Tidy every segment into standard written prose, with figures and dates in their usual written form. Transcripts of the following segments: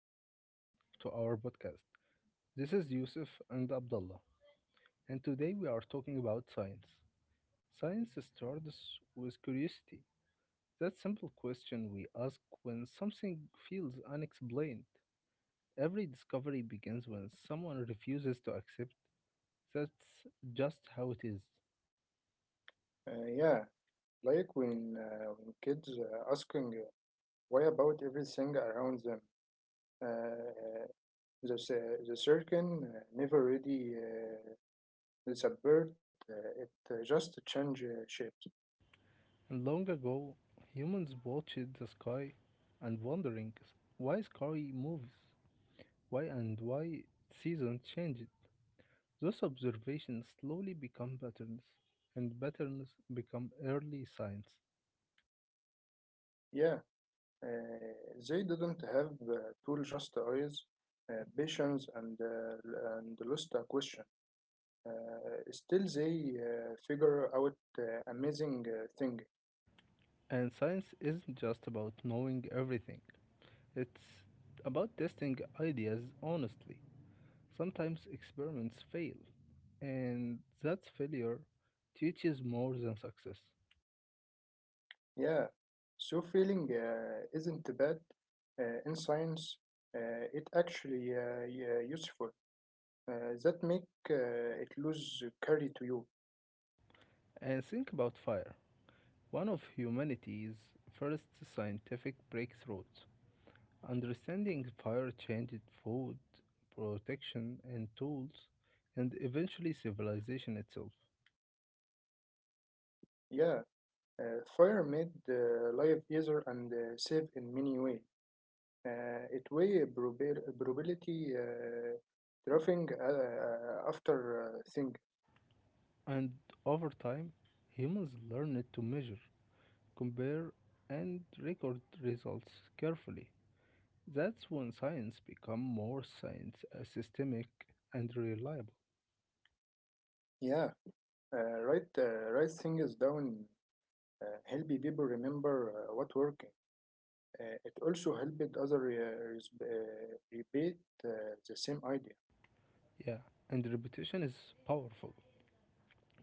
new episode to our podcast. This is Yusuf and Abdullah, and today we are talking about science. Science starts with curiosity. That simple question we ask when something feels unexplained. Every discovery begins when someone refuses to accept that's just how it is. Yeah, like when kids asking why about everything around them. Uh, the circle never really disappeared, it just changed shapes. And long ago, humans watched the sky and wondering why sky moves, why and why seasons change. Those observations slowly become patterns, and patterns become early science. Yeah, they didn't have tool, just eyes, patience, and lost a question. Still, they figure out amazing thing. And science isn't just about knowing everything, it's about testing ideas honestly. Sometimes experiments fail, and that failure teaches more than success. Yeah, so feeling isn't bad. In science, it actually yeah, useful. That make it lose carry to you. And think about fire, one of humanity's first scientific breakthroughs. Understanding fire changed food, protection, and tools, and eventually civilization itself. Yeah, fire made life easier and safe in many way. It way probability dropping after thing. And over time, humans learned to measure, compare, and record results carefully. That's when science became more science, systemic, and reliable. Yeah, write things down. Help people remember what working. It also helped other rebate the same idea. Yeah, and repetition is powerful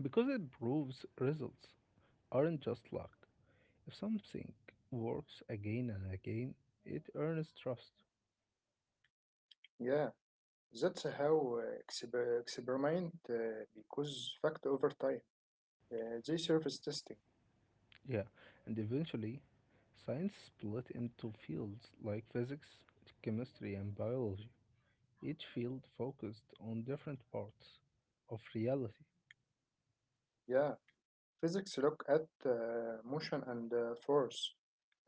because it proves results aren't just luck. If something works again and again, it earns trust. Yeah, that's how experiment because fact over time. They surface testing. Yeah, and eventually, science split into fields like physics, chemistry, and biology. Each field focused on different parts of reality, Yeah, physics look at motion and force.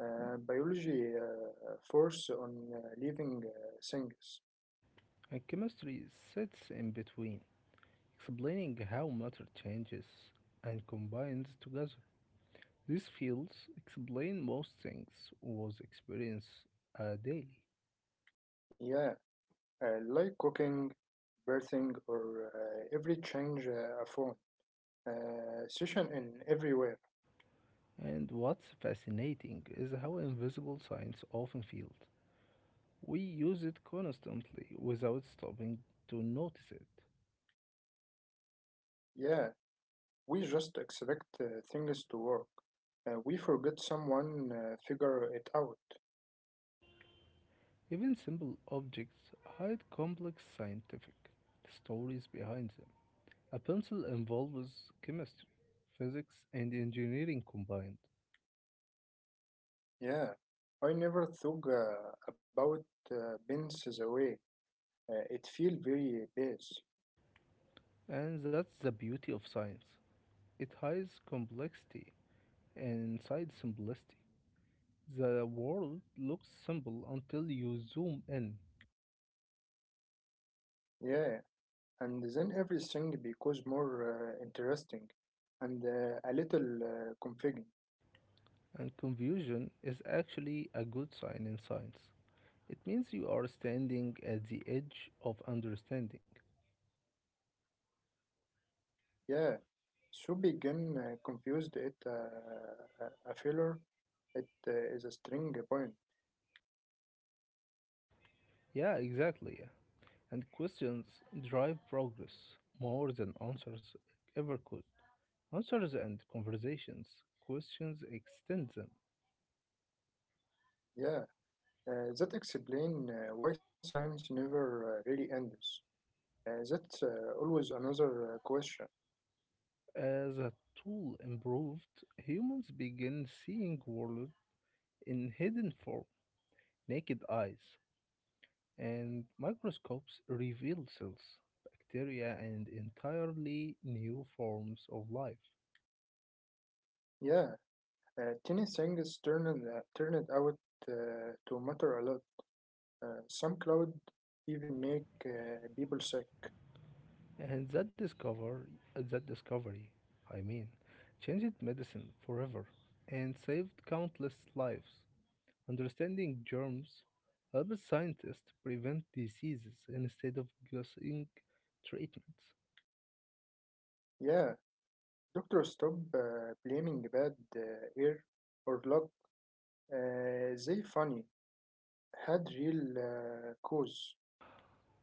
Biology force on living things. and chemistry sits in between, explaining how matter changes and combines together. These fields explain most things was experience daily. Yeah, like cooking, birthing, or every change a phone. Session in everywhere. And what's fascinating is how invisible science often feels. We use it constantly without stopping to notice it. Yeah, we just expect things to work. We forget someone figure it out. Even simple objects hide complex scientific stories behind them. A pencil involves chemistry, physics, and engineering combined. Yeah, I never thought about Ben's away. It feel very base. And that's the beauty of science. It hides complexity inside simplicity. The world looks simple until you zoom in. Yeah, and then everything becomes more interesting and a little confusing. And confusion is actually a good sign in science. It means you are standing at the edge of understanding. Yeah, so begin confused it a filler. It is a string point. Yeah, exactly, yeah. And questions drive progress more than answers ever could. Answers and conversations, questions extend them. Yeah. That explains why science never really ends. That's always another question. As a tool improved, humans begin seeing world in hidden form, naked eyes. And microscopes revealed cells, bacteria, and entirely new forms of life. Yeah, tiny things turned out to matter a lot. Some cloud even make people sick. And that discovery, I mean, changed medicine forever and saved countless lives. Understanding germs helps scientists prevent diseases instead of guessing treatments. Yeah, doctors stop blaming bad air or luck. They funny had real cause.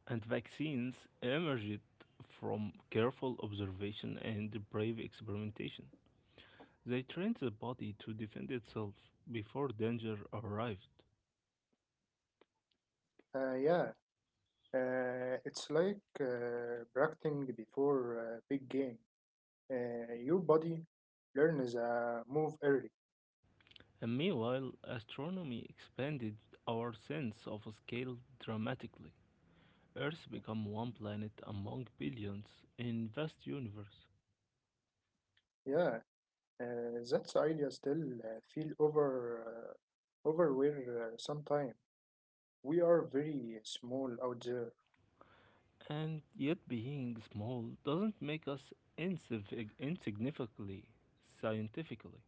And vaccines emerged from careful observation and brave experimentation. They trained the body to defend itself before danger arrived. Yeah, it's like practicing before big game. Your body learns a move early. And meanwhile, astronomy expanded our sense of scale dramatically. Earth became one planet among billions in vast universe. Yeah, that's idea still feel overwhelmed sometime. We are very small out there. And yet being small doesn't make us insignificantly scientifically.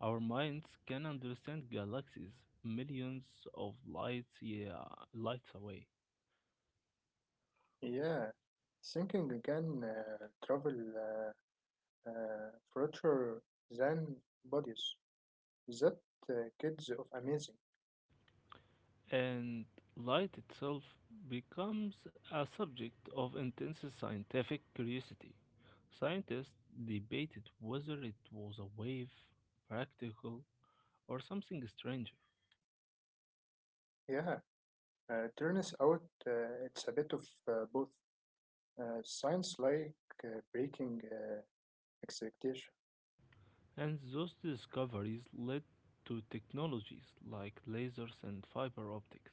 Our minds can understand galaxies millions of lights, yeah, lights away. Yeah, thinking can travel further than bodies. That uh, kids of amazing. And light itself becomes a subject of intense scientific curiosity. Scientists debated whether it was a wave, practical, or something stranger, Yeah, turns out it's a bit of both. Science like breaking expectation. and those discoveries led to technologies like lasers and fiber optics.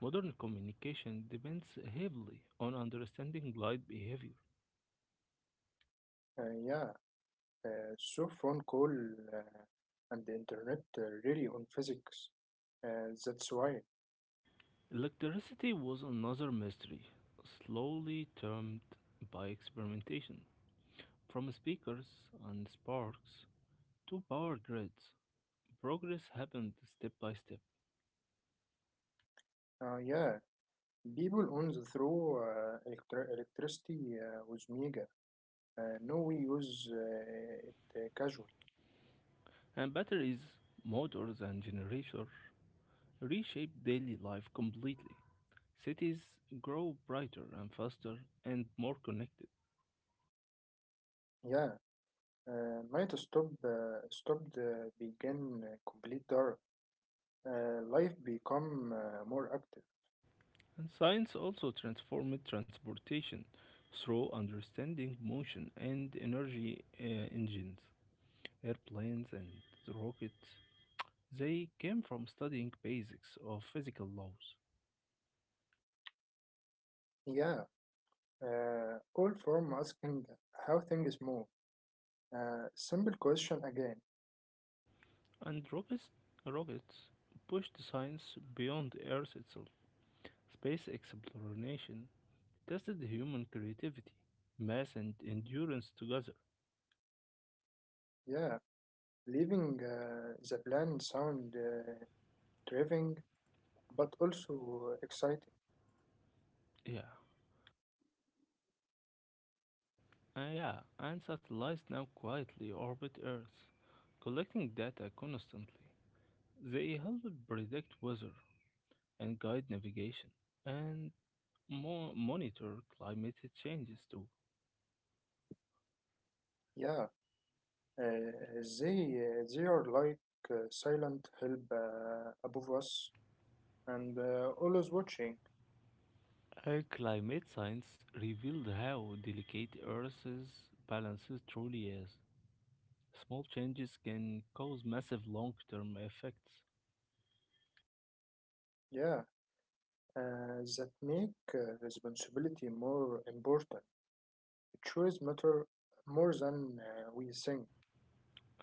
Modern communication depends heavily on understanding light behavior. Yeah, so phone call uh, and the internet really on physics. That's why. Electricity was another mystery, slowly termed by experimentation. From speakers and sparks to power grids, progress happened step by step, Yeah, people on the throw electricity with mega. No, we use it casual. and batteries, motors, and generators reshaped daily life completely. Cities grow brighter and faster and more connected. Yeah, night stopped began complete dark. Life become more active. And science also transformed transportation through understanding motion and energy, engines, airplanes, and rockets. They came from studying basics of physical laws. Yeah, all from asking how things move. Simple question again. And rockets pushed science beyond Earth itself. Space exploration tested human creativity, mass, and endurance together. Yeah. Leaving the plan sound driving, but also exciting. Yeah, yeah, and satellites now quietly orbit Earth, collecting data constantly. They help predict weather and guide navigation, and monitor climate changes too. Yeah, they are like silent help above us and always watching. Our climate science revealed how delicate Earth's balance truly is. Small changes can cause massive long term effects, Yeah, that make responsibility more important. Choice matter more than we think,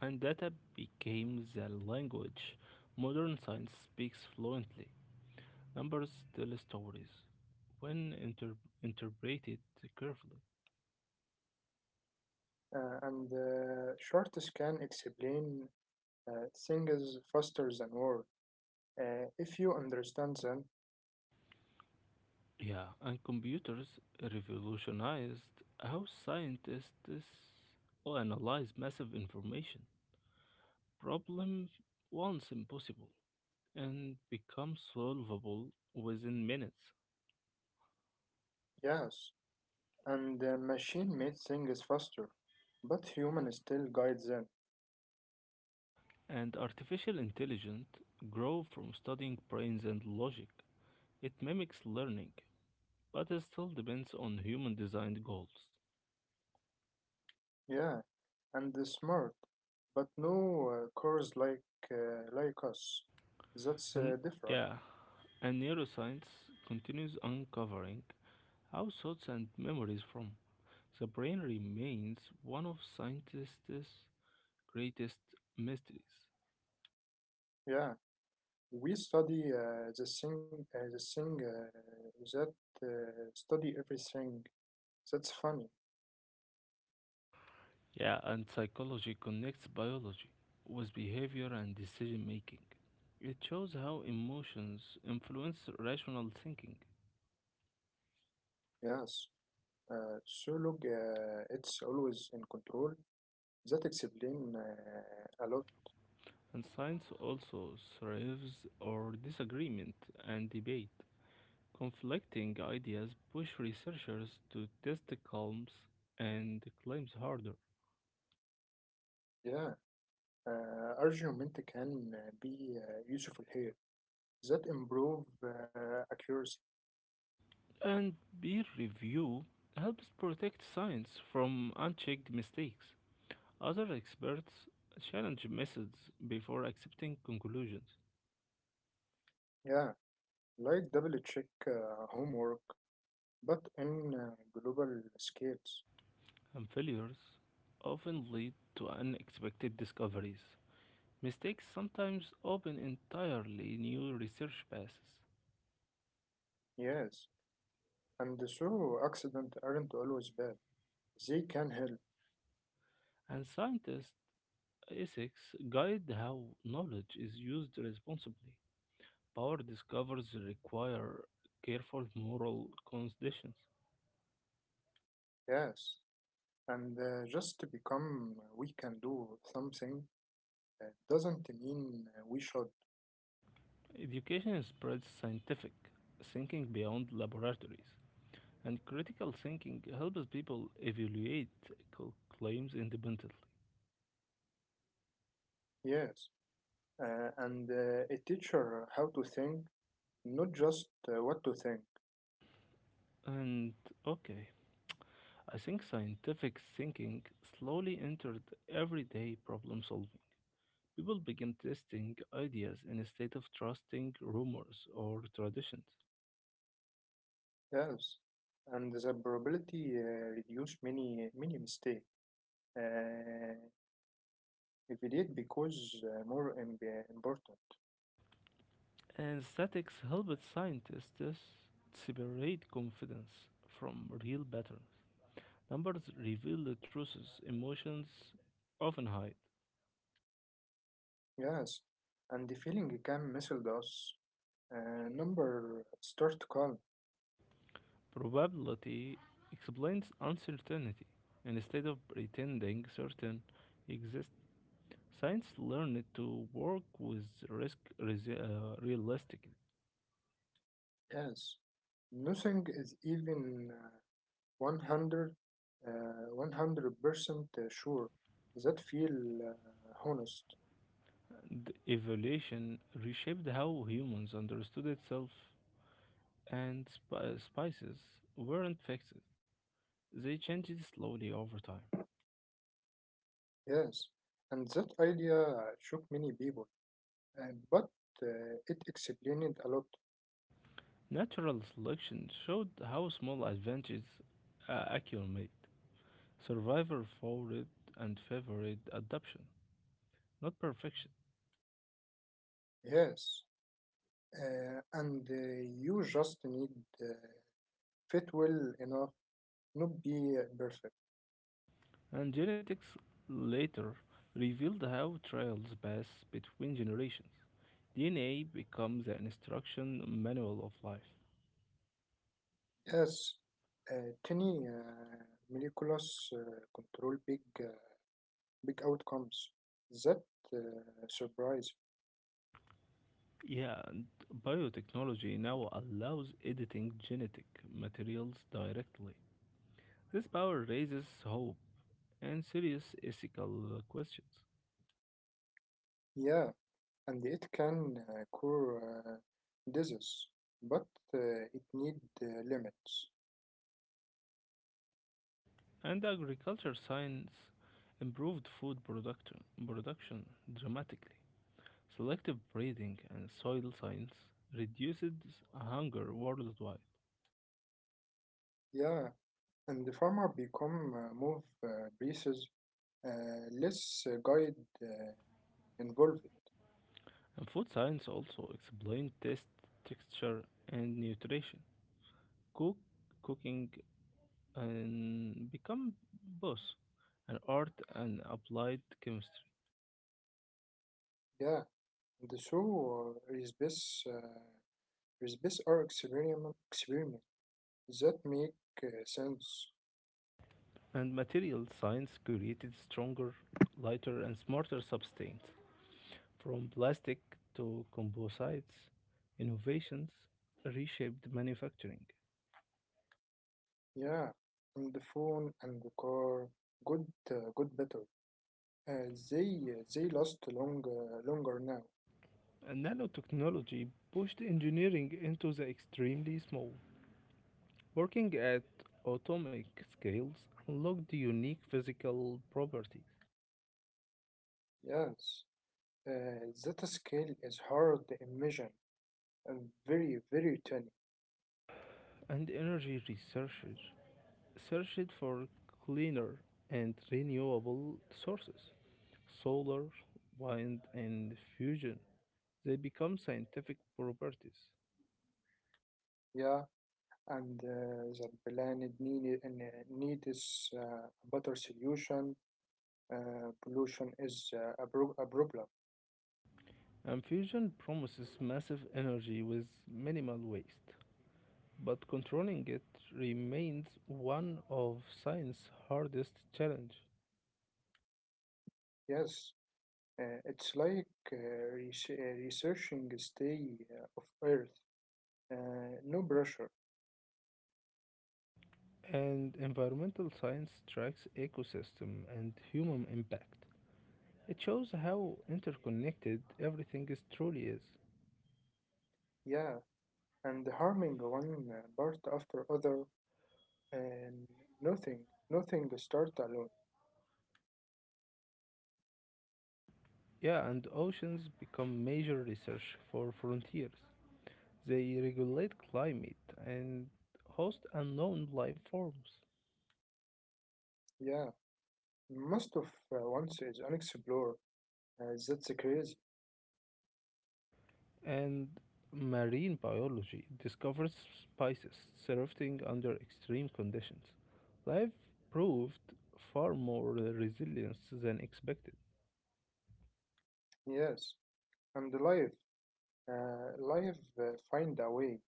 and data became the language. Modern science speaks fluently. Numbers tell stories when interpreted carefully. And shorts can explain things faster than words. If you understand them, Yeah, and computers revolutionized how scientists analyze massive information. Problem once impossible, and become solvable within minutes. yes. And the machine makes things faster, but human still guides them. And artificial intelligence grow from studying brains and logic. It mimics learning, but it still depends on human designed goals. Yeah, and they smart, but no cars like us. That's And different. yeah, and neuroscience continues uncovering how thoughts and memories from the brain remains one of scientists' greatest mysteries. Yeah, we study the thing that study everything. That's funny. Yeah, and psychology connects biology with behavior and decision making. It shows how emotions influence rational thinking, Yes. So look, it's always in control. That explain a lot. and science also thrives on disagreement and debate. Conflicting ideas push researchers to test the claims and claims harder. Yeah. Argument can be useful here. That improve accuracy. And peer review helps protect science from unchecked mistakes. Other experts challenge methods before accepting conclusions, Yeah, like double check homework, but in global scales. and failures often lead to unexpected discoveries. Mistakes sometimes open entirely new research paths, Yes, and so accidents aren't always bad. They can help. and scientists' ethics guide how knowledge is used responsibly. Power discoveries require careful moral conditions. Yes, and just to become we can do something doesn't mean we should. Education spreads scientific thinking beyond laboratories. And critical thinking helps people evaluate claims independently. Yes, and a teacher how to think, not just what to think. And okay, I think scientific thinking slowly entered everyday problem solving. People began testing ideas instead of trusting rumors or traditions. Yes, and the probability reduce many many mistakes. uh, Evaluate because more important. And statics helped scientists separate confidence from real patterns. Numbers reveal the truths emotions often hide. Yes, and the feeling can message us. Number start calm. Probability explains uncertainty. Instead of pretending certain exists, science learned to work with risk realistically. Yes, nothing is even 100% sure. That feel honest. And evolution reshaped how humans understood itself, and spices weren't fixed. They changed slowly over time. Yes, and that idea shook many people, uh, but it explained a lot. Natural selection showed how small advantages accumulate. Survivor favored and favored adoption, not perfection. Yes, and you just need uh, fit well enough, not be perfect. And genetics later revealed how trials pass between generations. DNA becomes an instruction manual of life. Yes, tiny molecules control big outcomes. That surprise. Yeah, and biotechnology now allows editing genetic materials directly. This power raises hope and serious ethical questions. Yeah, and it can cure disease, but it need limits. And agriculture science improved production dramatically. Selective breeding and soil science reduces hunger worldwide, Yeah, and the farmer become more precise, less guide uh, involved. and food science also explains taste, texture, and nutrition. Cook, cooking, and become both an art and applied chemistry. Yeah, and so is this. Recipes are experiment that make sense. And material science created stronger, lighter, and smarter substance. From plastic to composites, innovations reshaped manufacturing. Yeah, and the phone and the car, good better. Uh, they they last longer now. And nanotechnology pushed engineering into the extremely small. Working at atomic scales unlocked the unique physical properties, Yes, that scale is hard to imagine. Uh, Very very tiny. and energy researchers searched for cleaner and renewable sources solar, wind, and fusion. They become scientific properties. Yeah, and the planet need is a better solution. Pollution is a problem. And fusion promises massive energy with minimal waste. But controlling it remains one of science's hardest challenges. Yes. It's like uh, researching stay of Earth, no pressure. And environmental science tracks ecosystem and human impact. It shows how interconnected everything is truly is. Yeah, and harming one part after other, and nothing, nothing start alone. Yeah, and oceans become major research for frontiers. They regulate climate and host unknown life forms. Yeah. Most of once is unexplored. That's crazy, And marine biology discovers species surviving under extreme conditions. Life proved far more resilient than expected, yes. And life find a way,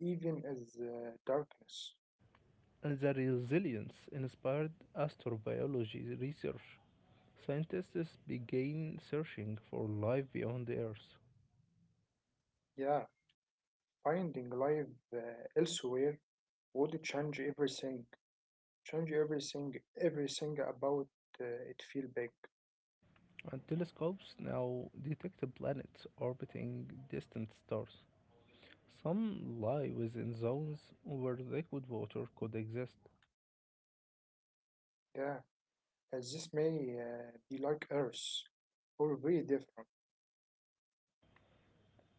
even as darkness. and the resilience inspired astrobiology research. Scientists began searching for life beyond the Earth, Yeah. Finding life uh, elsewhere would change everything. Change everything about uh, it feel big. and telescopes now detect planets orbiting distant stars. Some lie within zones where liquid water could exist, Yeah, as this may be like earth or very different.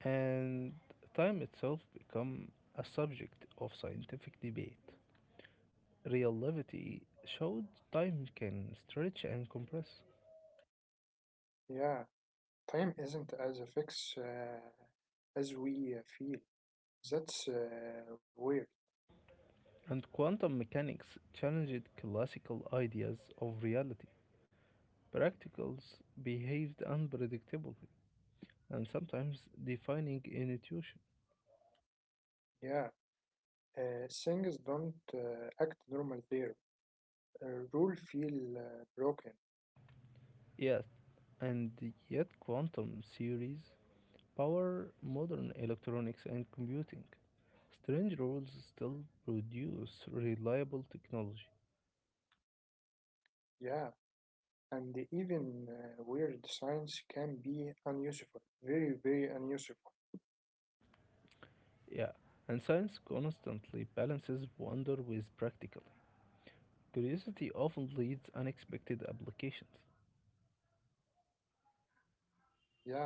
and time itself become a subject of scientific debate. Relativity showed time can stretch and compress, Yeah, time isn't as a fix as we feel. That's weird. and quantum mechanics challenged classical ideas of reality. Practicals behaved unpredictably and sometimes defining intuition. Yeah, things don't act normal there. Rule feel broken. Yet, and yet quantum theories power modern electronics and computing. Strange rules still produce reliable technology. Yeah, and even weird science can be unuseful, very very unuseful. Yeah, and science constantly balances wonder with practicality. Curiosity often leads unexpected applications. Yeah,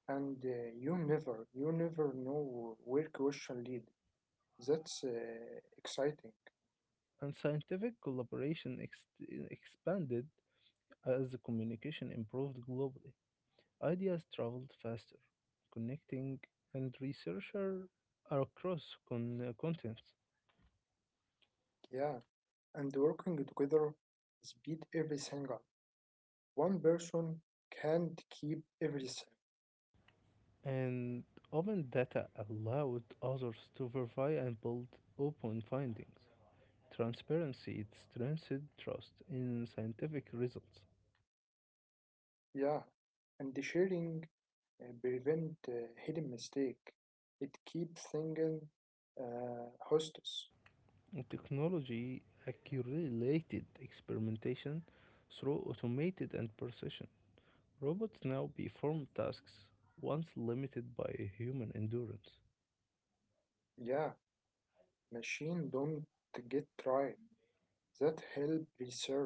and you never know where question lead. That's exciting. And scientific collaboration expanded as the communication improved globally. Ideas traveled faster, connecting and researcher are across continents. Yeah, and working together speed everything up. One person can't keep everything. And open data allowed others to verify and build upon findings. Transparency strengthens trust in scientific results. Yeah, and the sharing prevent hidden mistake. It keeps thinking hostess. Technology accumulated experimentation through automated and precision. Robots now perform tasks once limited by human endurance. Yeah, machine don't get right. That help research.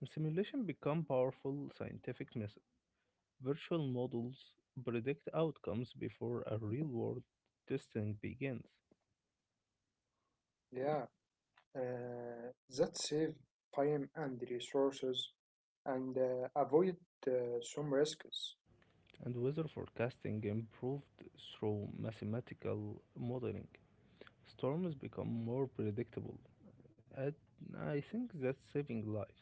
And simulation become powerful scientific method. Virtual models predict outcomes before a real-world testing begins, Yeah, uh, that save time and resources and avoid uh, some risks. and weather forecasting improved through mathematical modeling. Storms become more predictable, and I think that's saving lives.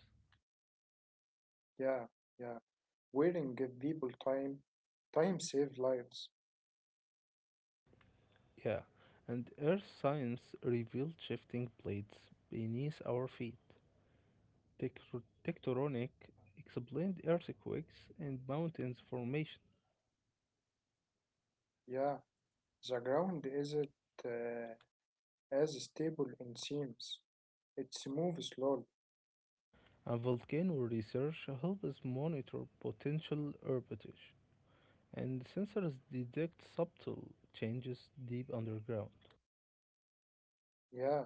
Yeah, yeah. Wearing give people time, time save lives. Yeah, and Earth science revealed shifting plates beneath our feet. Tectonic explained earthquakes and mountains formation, Yeah, the ground isn't uh, as stable in seems. It moves slowly. and volcano research helps us monitor potential eruptions. And sensors detect subtle changes deep underground. Yeah,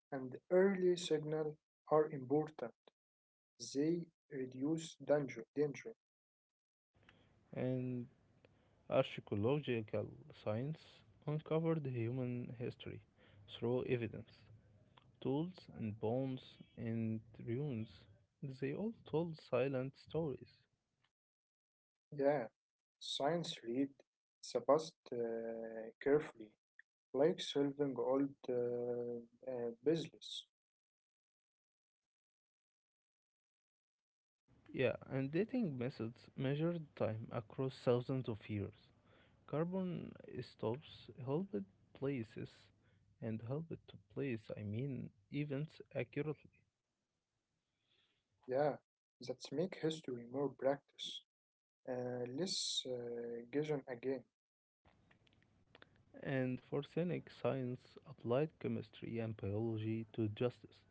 and early signal are important. They reduce danger. Danger. And archaeological science uncovered human history through evidence, tools, and bones and ruins. They all told silent stories. Yeah, science read the past carefully. Like solving old puzzles. Yeah, and dating methods measured time across thousands of years. Carbon stops helped places and helped to place, events accurately. Yeah, that make history more practice, less guessing again. And for cynic science applied chemistry and biology to justice.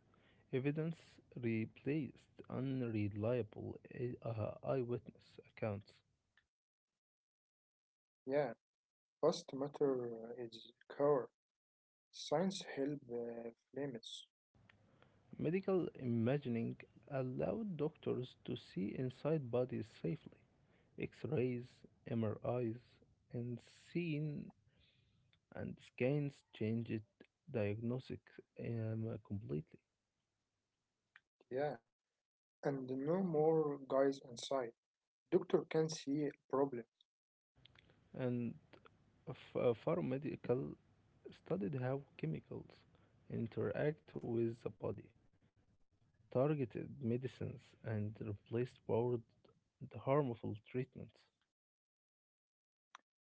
Evidence replaced unreliable eyewitness accounts. Yeah, past matter is core. Science help flames. Medical imaging allowed doctors to see inside bodies safely. X rays, MRIs, and seen and scans changed diagnostics completely. Yeah, and no more guys inside. Doctor can see problem. And ph- uh, studied how chemicals interact with the body targeted medicines and replaced power and harmful treatments.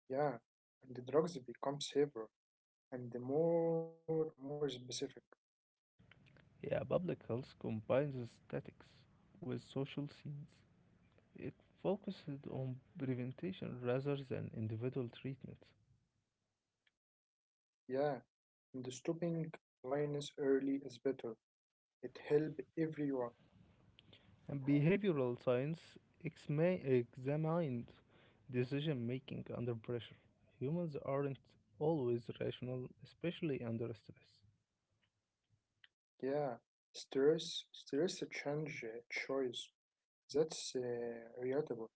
Yeah, and the drugs become safer and the more specific. Yeah, public health combines aesthetics with social scenes. It focuses on prevention rather than individual treatment. Yeah, and stopping lines early is better. It help everyone. And behavioral science examined decision making under pressure. Humans aren't always rational, especially under stress. Yeah, stress change choice. That's relatable.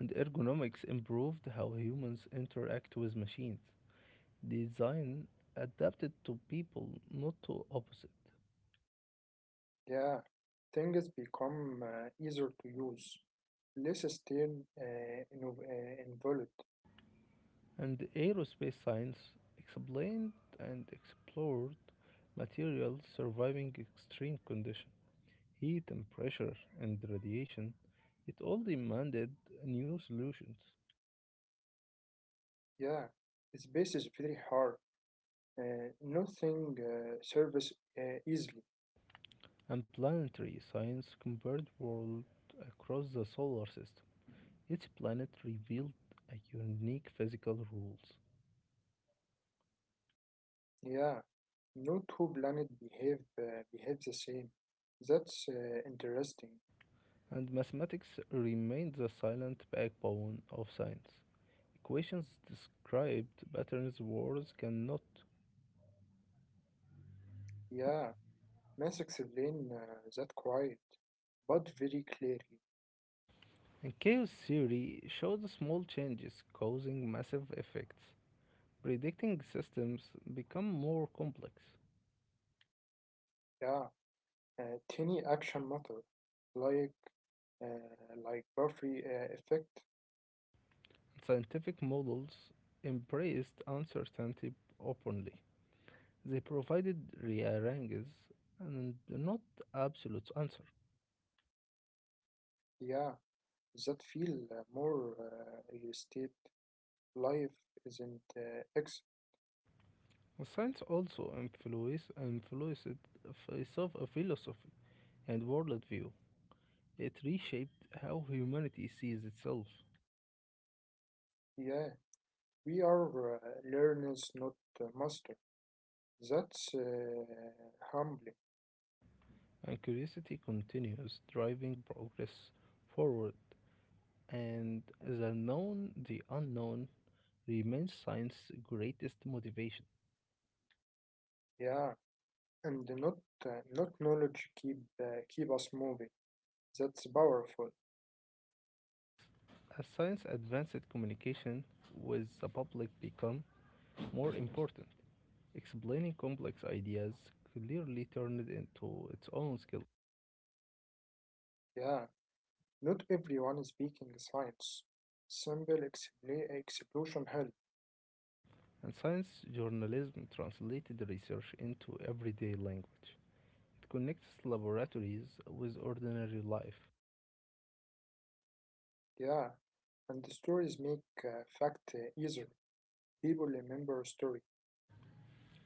And ergonomics improved how humans interact with machines. Design adapted to people, not to opposite. Yeah, things become easier to use, less stern, involved. And aerospace science explained and explored materials surviving extreme conditions, heat and pressure and radiation. It all demanded new solutions, Yeah, space is very hard. Nothing service, easily. and planetary science compared worlds across the solar system. Each planet revealed a unique physical rules, Yeah, no two planet behave the same. That's interesting. and mathematics remained the silent backbone of science. Equations described patterns words cannot. Yeah, mass explain that quiet, but very clearly. And chaos theory shows the small changes causing massive effects. Predicting systems become more complex. Yeah. آه، تاني أكشن مطر, like like Buffy effect. Scientific models embraced uncertainty openly. They provided rearranges and not absolute answers. Yeah, that feel more real estate life isn't ex. Science also influenced a philosophy and worldview. It reshaped how humanity sees itself, Yeah, we are uh, learners not master. That's humbling. and curiosity continues driving progress forward and the known, the unknown, remains science's greatest motivation. Yeah, and not knowledge keep us moving. That's powerful. As science advances, communication with the public become more important. Explaining complex ideas clearly turned into its own skill, Yeah, not everyone is speaking science. Simple explosion help. and science journalism translated research into everyday language. It connects laboratories with ordinary life. Yeah, and the stories make fact easier. People remember a story.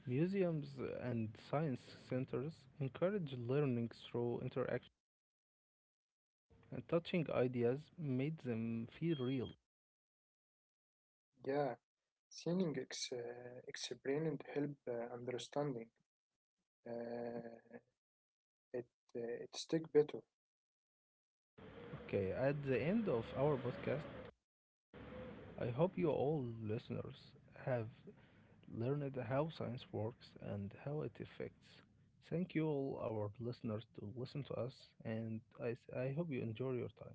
Museums and science centers encourage learning through interaction. And touching ideas made them feel real. Yeah, seeing explained help understanding. Uh, it it stick better. Okay, at the end of our podcast, I hope you all listeners have learned how science works and how it affects. Thank you all our listeners to listen to us, and I hope you enjoy your time.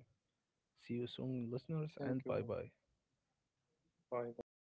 See you soon listeners and bye Thank you. bye. Bye bye.